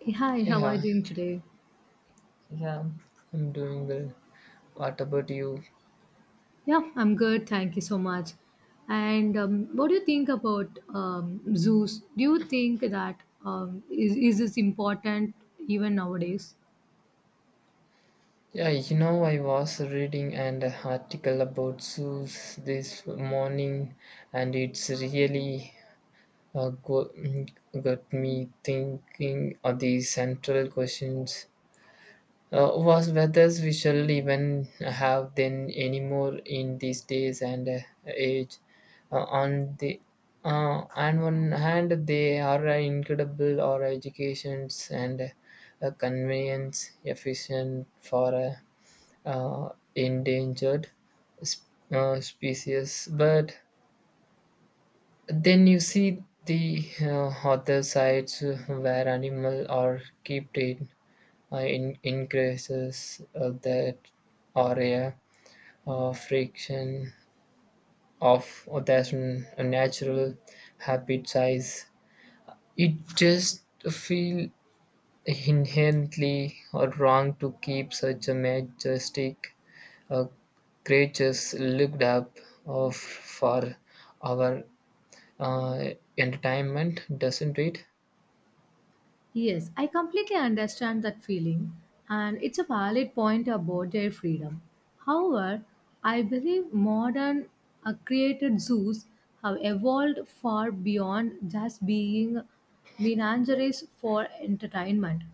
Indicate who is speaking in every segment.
Speaker 1: Hey, hi, how are you
Speaker 2: Yeah,
Speaker 1: doing today?
Speaker 2: yeah, I'm doing well. What about you?
Speaker 1: Yeah, I'm good. Thank you so much. And what do you think about zoos? Do you think that is this important even nowadays?
Speaker 2: Yeah, I was reading an article about zoos this morning, and it's really uh, go- mm, got me thinking of these central questions. Was whether we shall even have them anymore in these days and age. Uh, on the on one hand, they are incredible or educations and convenience efficient for endangered species. But then you see the other sides where animal are kept in increases that area friction of that natural habit size. It just feel inherently wrong to keep such a majestic uh, creatures looked up of for our uh, entertainment, doesn't it?
Speaker 1: Yes, I completely understand that feeling, and it's a valid point about their freedom. However, I believe modern created zoos have evolved far beyond just being menageries for entertainment.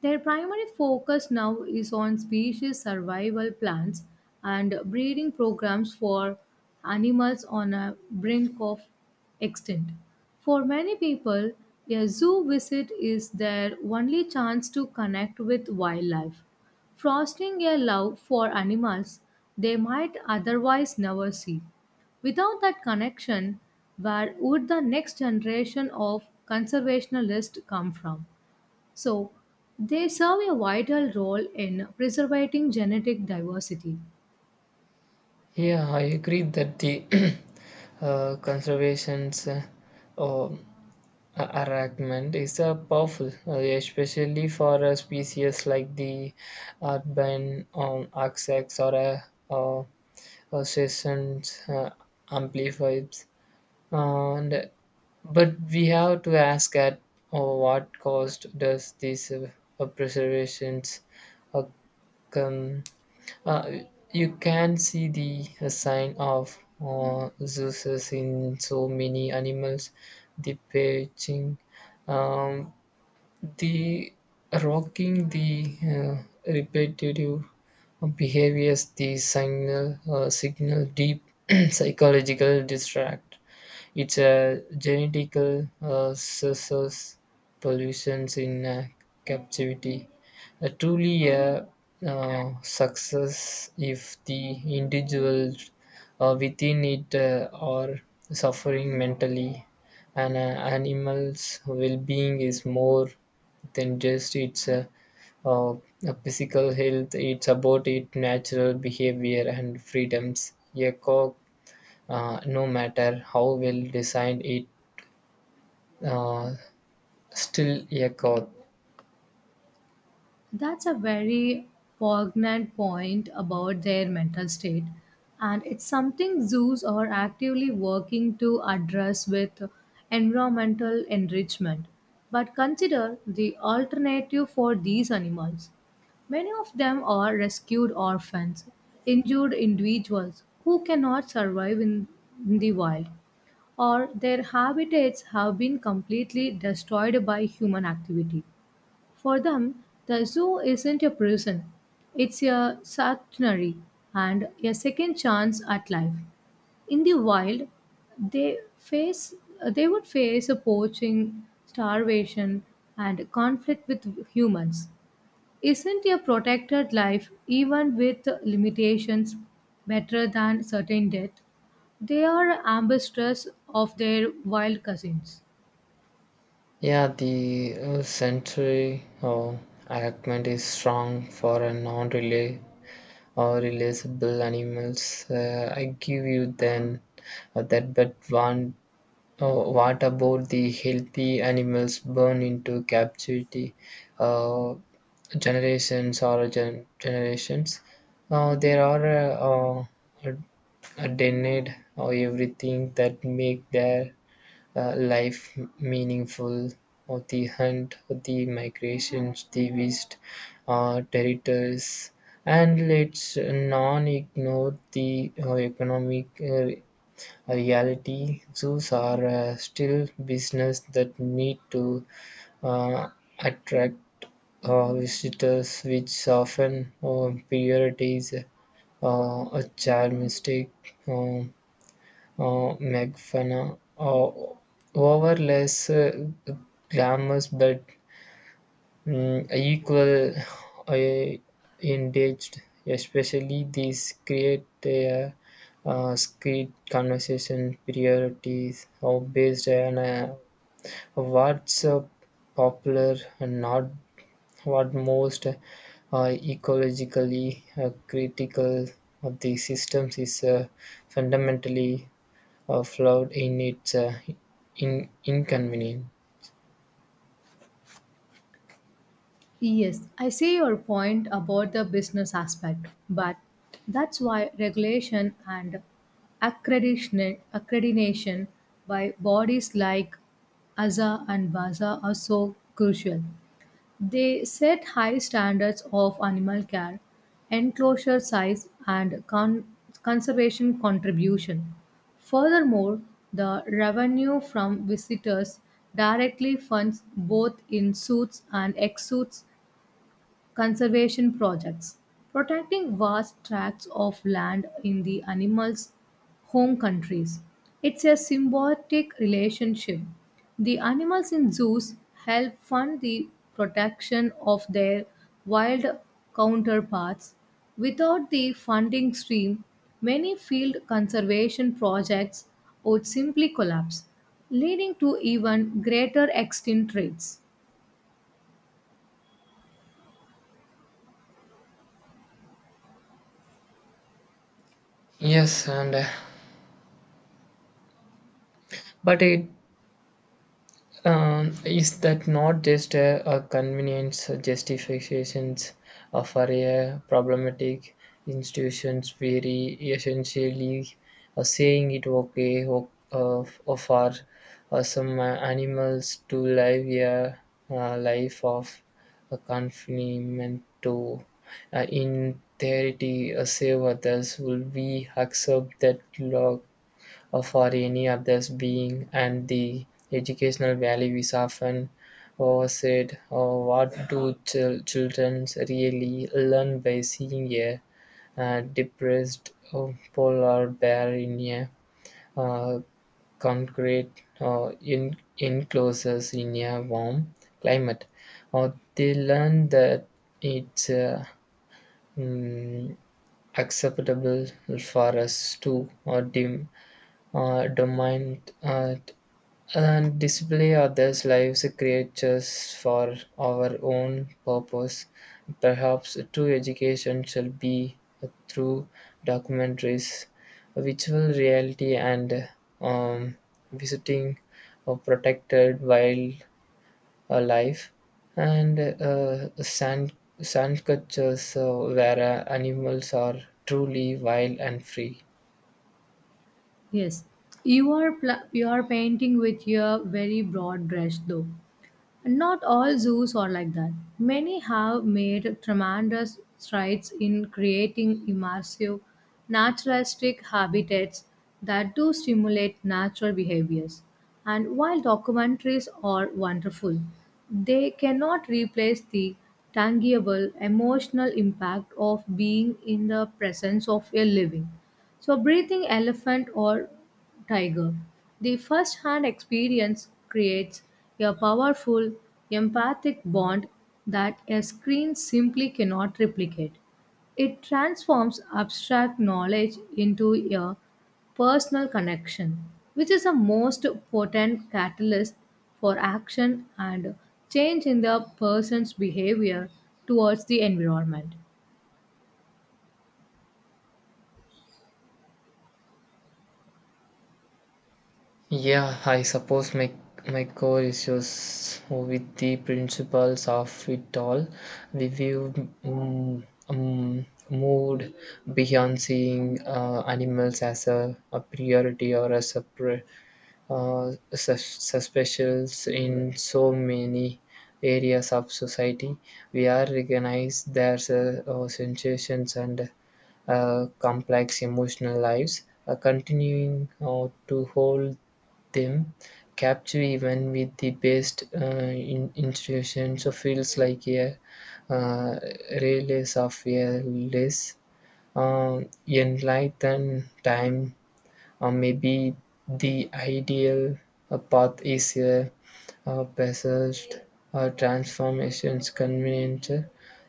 Speaker 1: Their primary focus now is on species survival plans and breeding programs for animals on a brink of extinct. For many people, a zoo visit is their only chance to connect with wildlife, fostering a love for animals they might otherwise never see. Without that connection, where would the next generation of conservationists come from? So, they serve a vital role in preserving genetic diversity.
Speaker 2: Yeah, I agree that the conservations um, Arrangement is powerful, especially for a species like the urban oxax or a sessions amplifiers. And but we have to ask at what cost does this preservations uh, come. uh, you can see the sign of Zeus in so many animals, the perching, um, the rocking, the repetitive behaviors, the signal deep psychological distract. It's a genetical scissors pollutions in captivity. A truly a success if the individual within it are suffering mentally. An animal's well-being is more than just its uh, physical health. It's about its natural behavior and freedoms. A cock no matter how well designed it uh, still a god.
Speaker 1: That's a very poignant point about their mental state, and it's something zoos are actively working to address with environmental enrichment. But consider the alternative for these animals. Many of them are rescued orphans, injured individuals who cannot survive in the wild, or their habitats have been completely destroyed by human activity. For them, the zoo isn't a prison, it's a sanctuary and a second chance at life. In the wild, they face they would face a poaching, starvation, and conflict with humans. Isn't a protected life, even with limitations, better than certain death? They are ambassadors of their wild cousins.
Speaker 2: Yeah, the century argument is strong for a non-relay or relatable animals, I give you then that but one uh, what about the healthy animals born into captivity, uh, generations or generations there are uh, denied or everything that make their life meaningful, or the hunt or the migrations the vist territories. And let's non ignore the economic reality. Zoos are still business that need to uh, attract visitors, which often prioritize a child mistake make over less glamorous but equal engaged, especially these create a script conversation priorities or based on what's popular and not what most ecologically critical of the systems is fundamentally or flawed in its in inconvenience.
Speaker 1: Yes, I see your point about the business aspect, but that's why regulation and accreditation by bodies like ASA and VASA are so crucial. They set high standards of animal care, enclosure size, and conservation contribution. Furthermore, the revenue from visitors directly funds both in suits and ex suits conservation projects, protecting vast tracts of land in the animal's home countries. It's a symbiotic relationship. The animals in zoos help fund the protection of their wild counterparts. Without the funding stream, many field conservation projects would simply collapse, leading to even greater extinct rates.
Speaker 2: Yes, and but it. Is that not just a convenience justifications for a problematic institutions, very essentially saying it okay for some animals to live a life of confinement to in theory save others. Will we accept that law for any other being? And the educational value is often oversaid. What do children really learn by seeing a depressed polar bear in a uh, concrete enclosures in a warm climate? Or they learn that it's mm, acceptable for us to or dim domain and display others' lives creatures for our own purpose. Perhaps true education shall be through documentaries, virtual reality, and um, visiting a protected wildlife and sand cultures where animals are truly wild and free.
Speaker 1: Yes, you are painting with your very broad brush, though. Not all zoos are like that. Many have made tremendous strides in creating immersive, naturalistic habitats that do stimulate natural behaviors. And while documentaries are wonderful, they cannot replace the tangible emotional impact of being in the presence of a living. So, breathing elephant or tiger. The first hand experience creates a powerful empathic bond that a screen simply cannot replicate. It transforms abstract knowledge into a personal connection, which is the most potent catalyst for action and change in the person's behavior towards the environment.
Speaker 2: Yeah, I suppose my core issues with the principles of it all. We view mood beyond seeing animals as a priority or as a suspicious in so many areas of society. We are recognized their sensations and complex emotional lives, continuing to hold them Capture even with the best institutions. So feels like a uh, release of a less enlightened time. Or maybe the ideal path is a passage transformations convenient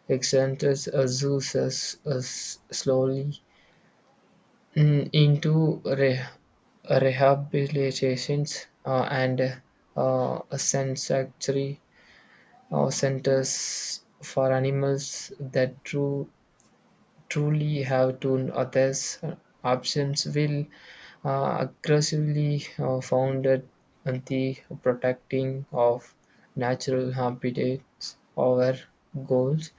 Speaker 2: exenters Azusa's slowly mm, into re- rehabilitations and sanctuary centers for animals that true truly have to others options, will aggressively founded on the protecting of natural habitats. Our goals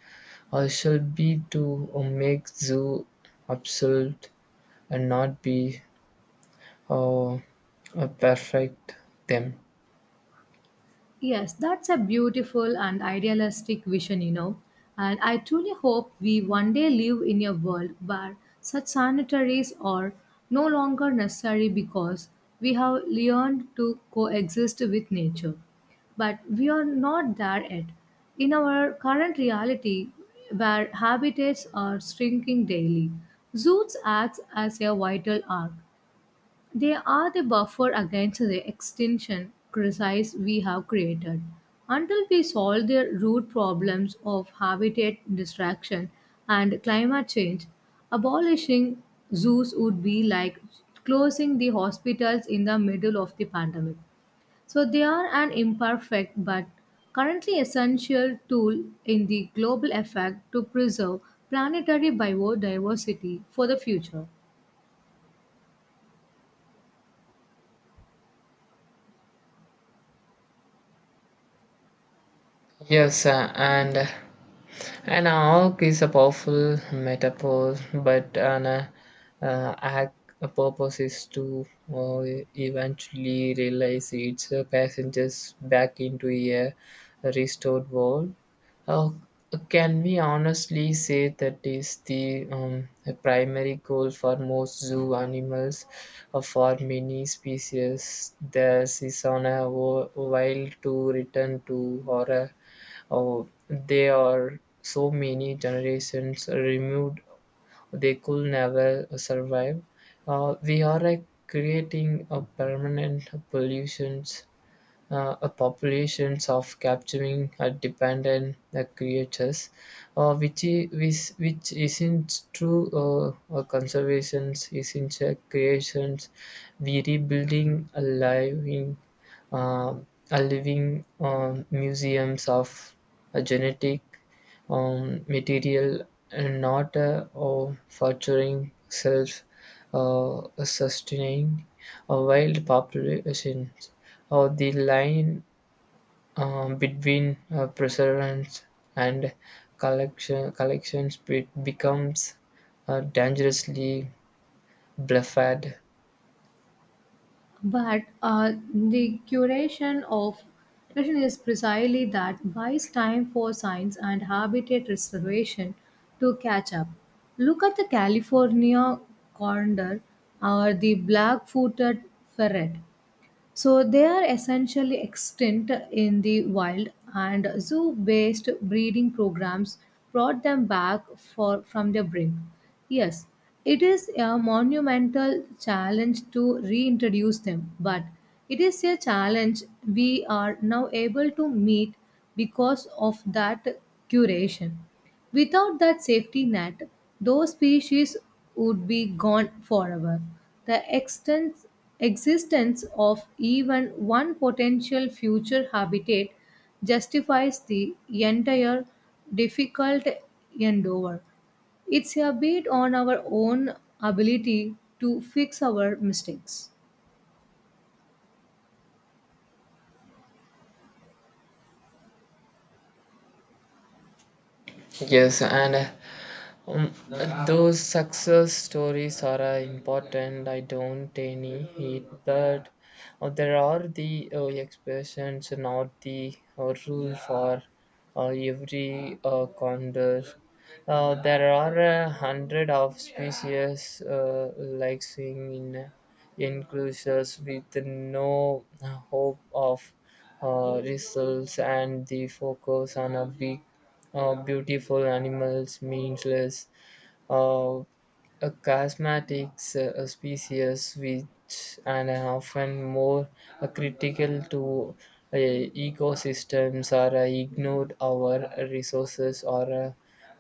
Speaker 2: should be to make zoo absolute and not be uh, uh, perfect them.
Speaker 1: Yes, that's a beautiful and idealistic vision, you know. And I truly hope we one day live in a world where such sanitaries are no longer necessary because we have learned to coexist with nature. But we are not there yet. In our current reality, where habitats are shrinking daily, zoos acts as a vital arc, they are the buffer against the extinction crisis we have created. Until we solve the root problems of habitat destruction and climate change, abolishing zoos would be like closing the hospitals in the middle of the pandemic. So they are an imperfect but currently essential tool in the global effort to preserve planetary biodiversity for the future.
Speaker 2: Yes and. An arc is a powerful metaphor, but an arc a purpose is to uh, eventually realize its passengers back into a restored world. Uh, can we honestly say that is the primary goal for most zoo animals or for many species? There's is on a while to return to or a. Oh, they are so many generations removed, they could never survive. We are like creating a permanent pollution, a populations of capturing dependent creatures, which isn't true conservations, isn't creations. We rebuilding um a living museums of a genetic material and not a furthering self sustaining a wild population. Or the line between preservance and collections becomes dangerously blurred.
Speaker 1: But the curation is precisely that buys time for science and habitat restoration to catch up. Look at the California condor or the black footed ferret. So they are essentially extinct in the wild, and zoo-based breeding programs brought them back from their brink. Yes, it is a monumental challenge to reintroduce them, but it is a challenge we are now able to meet because of that curation. Without that safety net, those species would be gone forever. The existence of even one potential future habitat justifies the entire difficult endeavor. It's a bit on our own ability to fix our mistakes.
Speaker 2: Yes, and Um, those success stories are important. I don't any hate, but there are the expressions, not the rule for every condor. There are a hundred of species like seeing in enclosures with no hope of results, and the focus on a big, beautiful animals means less uh, a charismatic species, which and are often more critical to ecosystems are ignored. Our resources or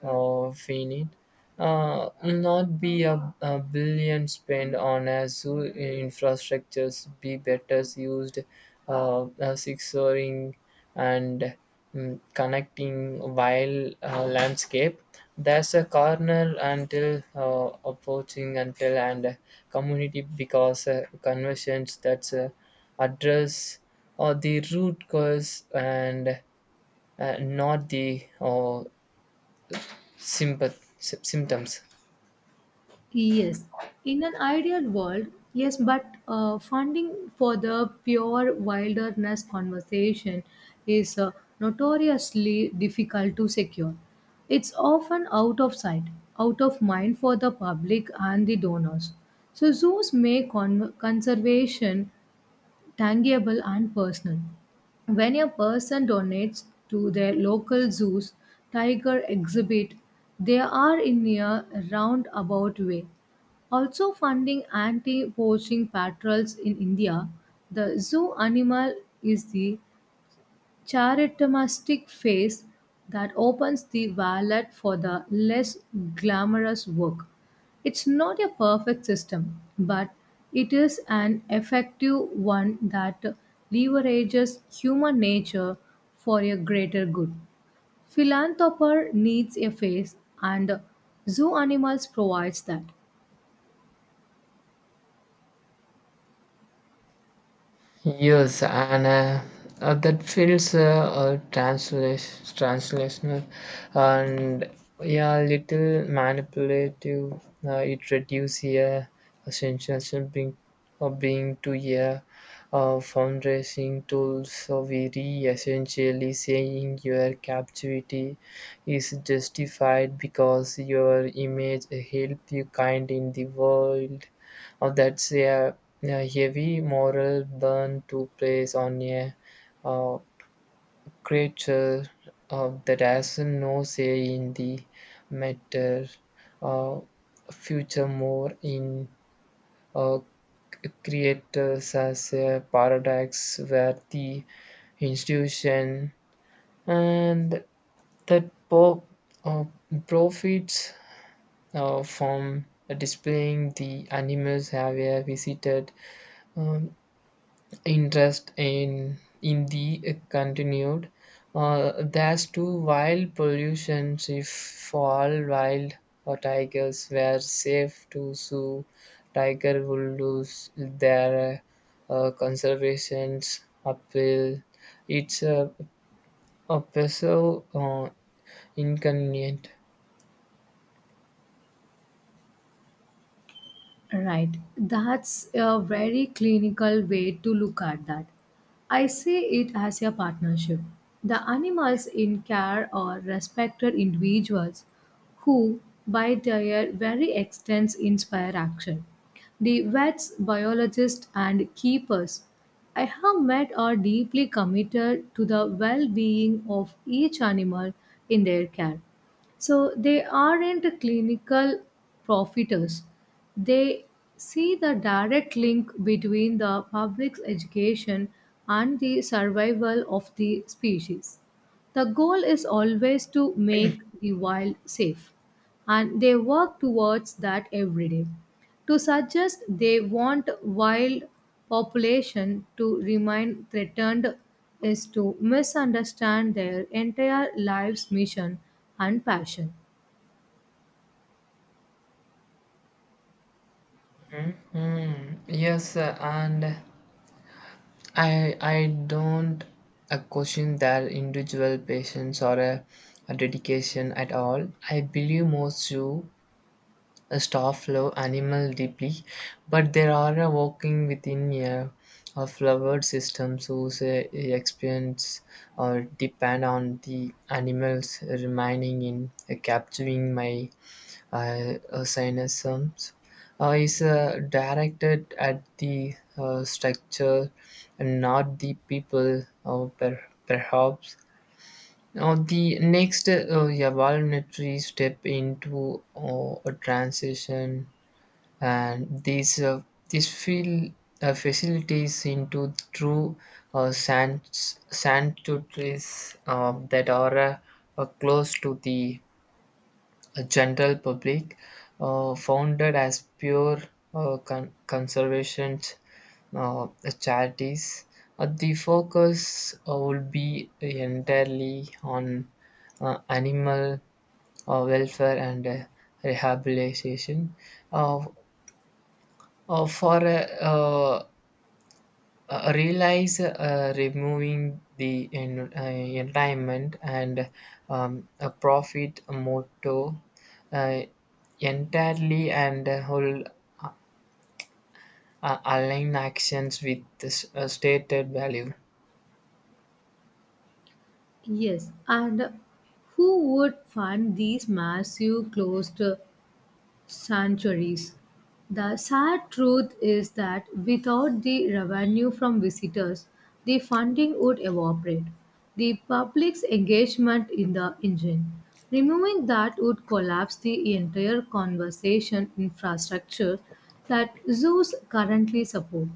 Speaker 2: finite. Not be a billion spent on a zoo infrastructures be better used six and connecting while landscape. There's a corner until approaching until and community because conversions that's address or the root cause and not the symptoms.
Speaker 1: Yes, in an ideal world, yes, but funding for the pure wilderness conservation is notoriously difficult to secure. It's often out of sight, out of mind for the public and the donors. So, zoos make conservation tangible and personal. When a person donates to their local zoo's tiger exhibit, they are in a roundabout way also funding anti-poaching patrols in India. The zoo animal is the charitatistic phase that opens the wallet for the less glamorous work. It's not a perfect system, but it is an effective one that leverages human nature for a greater good. Philanthropy needs a face, and zoo animals provides that.
Speaker 2: Yes, and that feels translational and, yeah, little manipulative. It reduces a sensation being, of being to a fundraising tool. So we re essentially saying your captivity is justified because your image help you kind in the world. Oh, that's a heavy moral burn to place on a uh, creature that has no say in the matter. Uh, Future more in uh, c- creators as a paradox where the institution and that uh, profits from displaying the animals have visited um, interest in the continued there's two wild pollutions if fall wild or tigers were safe to sue tiger will lose their conservations appeal. It's a peso inconvenient.
Speaker 1: Right. That's a very clinical way to look at that. I see it as a partnership. The animals in care are respected individuals who, by their very existence, inspire action. The vets, biologists, and keepers I have met are deeply committed to the well being of each animal in their care. So they aren't clinical profiters. They see the direct link between the public's education and the survival of the species. The goal is always to make the wild safe, and they work towards that every day. To suggest they want wild population to remain threatened is to misunderstand their entire life's mission and passion.
Speaker 2: Mhm. Yes and I don't question their individual patience or a dedication at all. I believe most zoo staff love animal deeply, but there are working within a flavored systems whose experience or depend on the animals remaining in capturing my. I cynicism is directed at the structure and not the people, or perhaps. Now, the next evolutionary step into a transition, and these feel facilities into true sanctuaries that are close to the a general public, founded as pure conservation uh, charities. The focus would be entirely on animal welfare and rehabilitation. Uh, for a realize removing the environment and a profit motto uh, entirely and whole uh, align actions with this stated value.
Speaker 1: Yes, and who would fund these massive closed sanctuaries? The sad truth is that without the revenue from visitors, the funding would evaporate. The public's engagement in the engine. Removing that would collapse the entire conservation infrastructure that zoos currently support.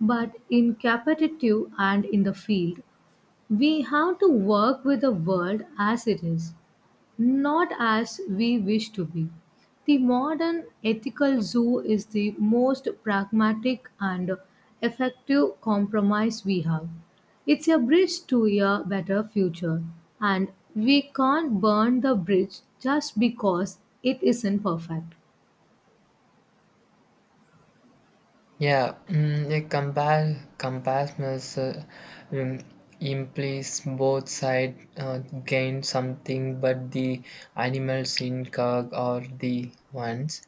Speaker 1: But in capitative and in the field, we have to work with the world as it is, not as we wish to be. The modern ethical zoo is the most pragmatic and effective compromise we have. It's a bridge to a better future, and we can't burn the bridge just because it isn't perfect.
Speaker 2: Yeah, a compass compassness um, implies both sides gain something, but the animals in cog are the ones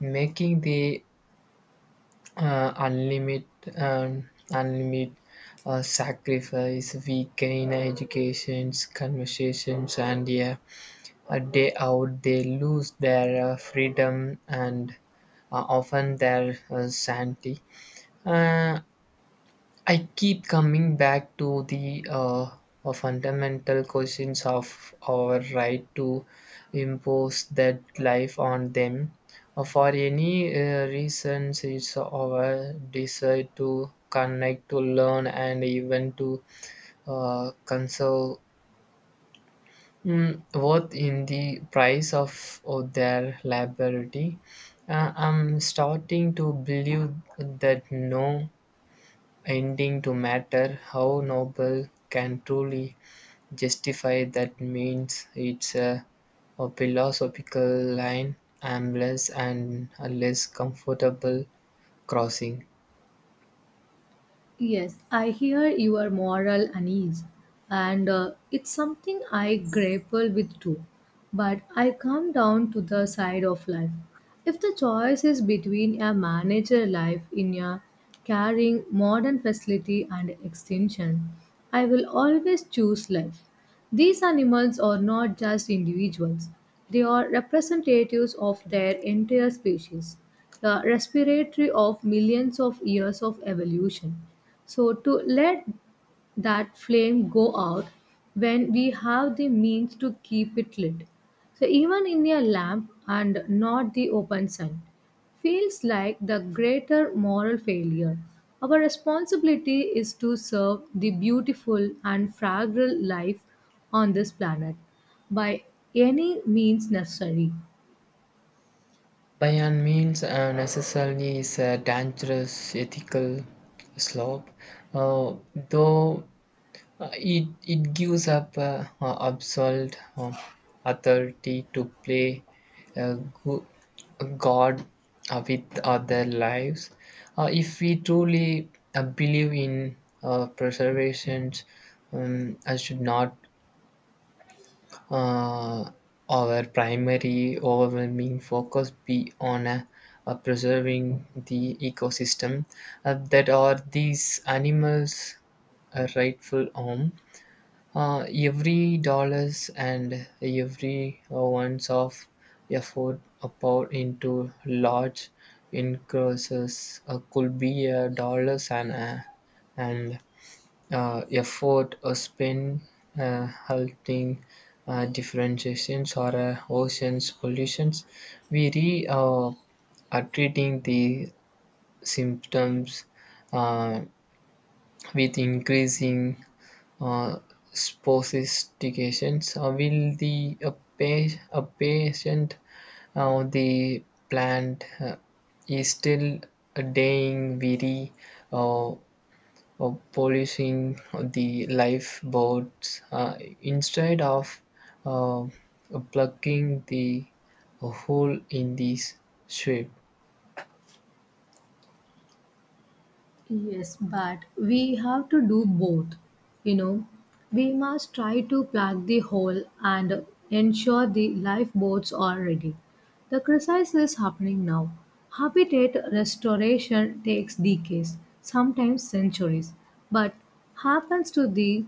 Speaker 2: making the unlimited unlimit sacrifice. We gain educations conversations and, yeah, a day out. They lose their freedom and often their sanity. uh, I keep coming back to the fundamental questions of our right to impose that life on them. For any reasons, it's our desire to connect, to learn, and even to conserve worth in the price of their liberty. I'm starting to believe that no ending to matter. How noble can truly justify that means it's a philosophical line, aimless and a less comfortable crossing.
Speaker 1: Yes, I hear your moral unease, and it's something I grapple with too. But I come down to the side of life. If the choice is between a manager life in a caring modern facility and extension, I will always choose life. These animals are not just individuals, they are representatives of their entire species, the respiratory of millions of years of evolution. So, to let that flame go out when we have the means to keep it lit. So even in a lamp and not the open sun feels like the greater moral failure. Our responsibility is to serve the beautiful and fragile life on this planet by any means necessary.
Speaker 2: By any means, necessarily is a dangerous ethical slope, uh, though it gives up absolute authority to play uh, go- God with other lives. If we truly believe in preservation, I should not uh, our primary overwhelming focus be on preserving the ecosystem that are these animals a rightful home. Every dollars and every ounce of effort poured into large increases could be a dollars and and effort spent halting differentiations or oceans pollutions. We re are treating the symptoms uh, with increasing uh, sophistications, will the a, pa- a patient the plant is still dying, very uh, polishing the lifeboats instead of uh, plugging the hole in this ship.
Speaker 1: Yes, but we have to do both. You know, we must try to plug the hole and ensure the lifeboats are ready. The crisis is happening now. Habitat restoration takes decades, sometimes centuries, but happens to the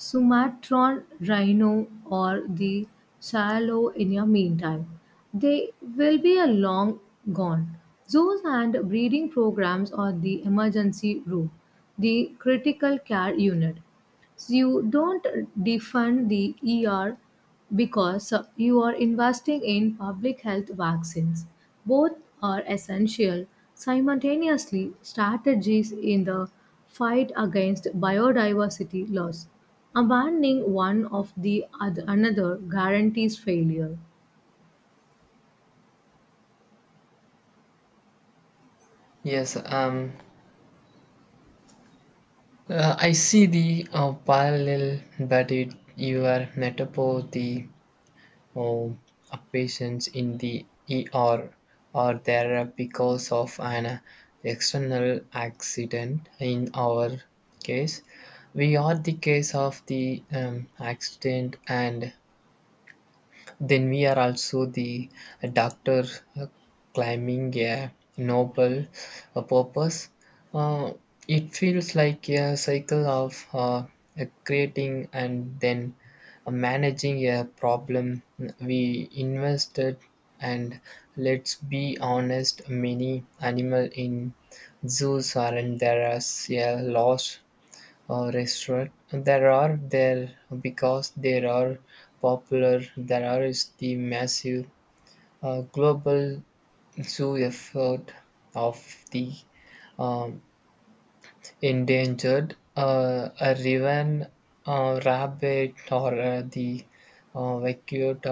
Speaker 1: Sumatran rhino or the Shiloh in the meantime. They will be a long gone. Zoos and breeding programs are the emergency room, the critical care unit. So you don't defund the ER because you are investing in public health vaccines. Both are essential. Simultaneously, strategies in the fight against biodiversity loss. Abandoning one of the other, another guarantees failure.
Speaker 2: Yes, I see the parallel that it you are metaphor the uh, a patients in the ER or there because of an external accident. In our case, we are the case of the accident, and then we are also the doctor uh, climbing a noble purpose. Uh, it feels like a cycle of creating and then managing a problem we invested. And let's be honest, many animal in zoos aren't there as a loss restaurant. There are there because there are popular. There are is the massive global zoo effort of the um, endangered a raven, rabbit, or the vacuota.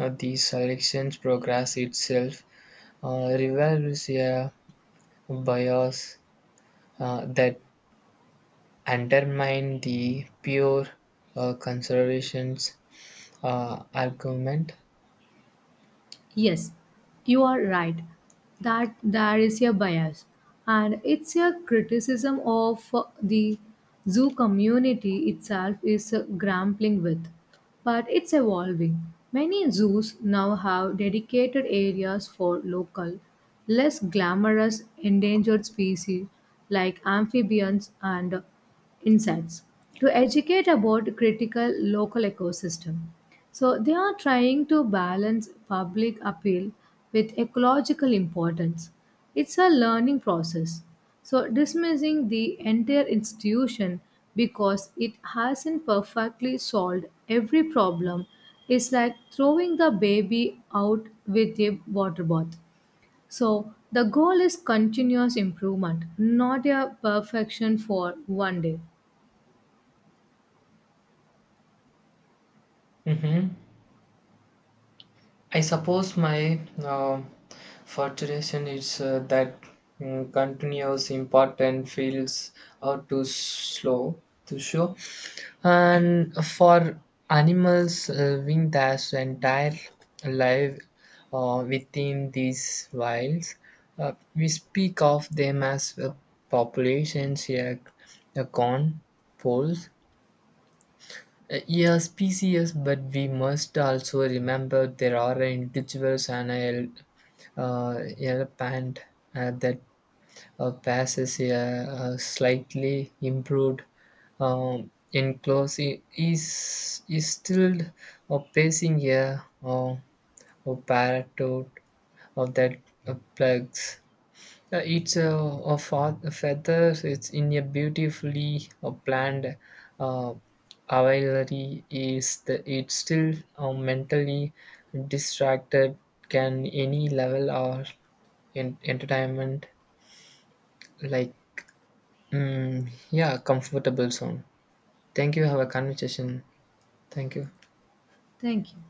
Speaker 2: Uh, the selections progress itself reveals a bias that undermine the pure conservation's argument.
Speaker 1: Yes, you are right that there is a bias, and it's a criticism of the zoo community itself is grappling with, but it's evolving. Many zoos now have dedicated areas for local, less glamorous endangered species like amphibians and insects to educate about critical local ecosystem, so they are trying to balance public appeal with ecological importance. It's a learning process. So dismissing the entire institution because it hasn't perfectly solved every problem is like throwing the baby out with a water bath. So the goal is continuous improvement, not a perfection for one day.
Speaker 2: Mhm. I suppose my frustration is that continuous important feels out too slow to show. And for animals living their entire life within these wilds, we speak of them as populations, a con, poles, a species, but we must also remember there are individuals. And elephant that passes a slightly improved enclose is still pacing a parrot of that plugs. It's a feathers. It's in a beautifully planned uh, availary. Is the it's still mentally distracted? Can any level or in entertainment like yeah, comfortable zone. Thank you. Have a conversation. Thank you.
Speaker 1: Thank you.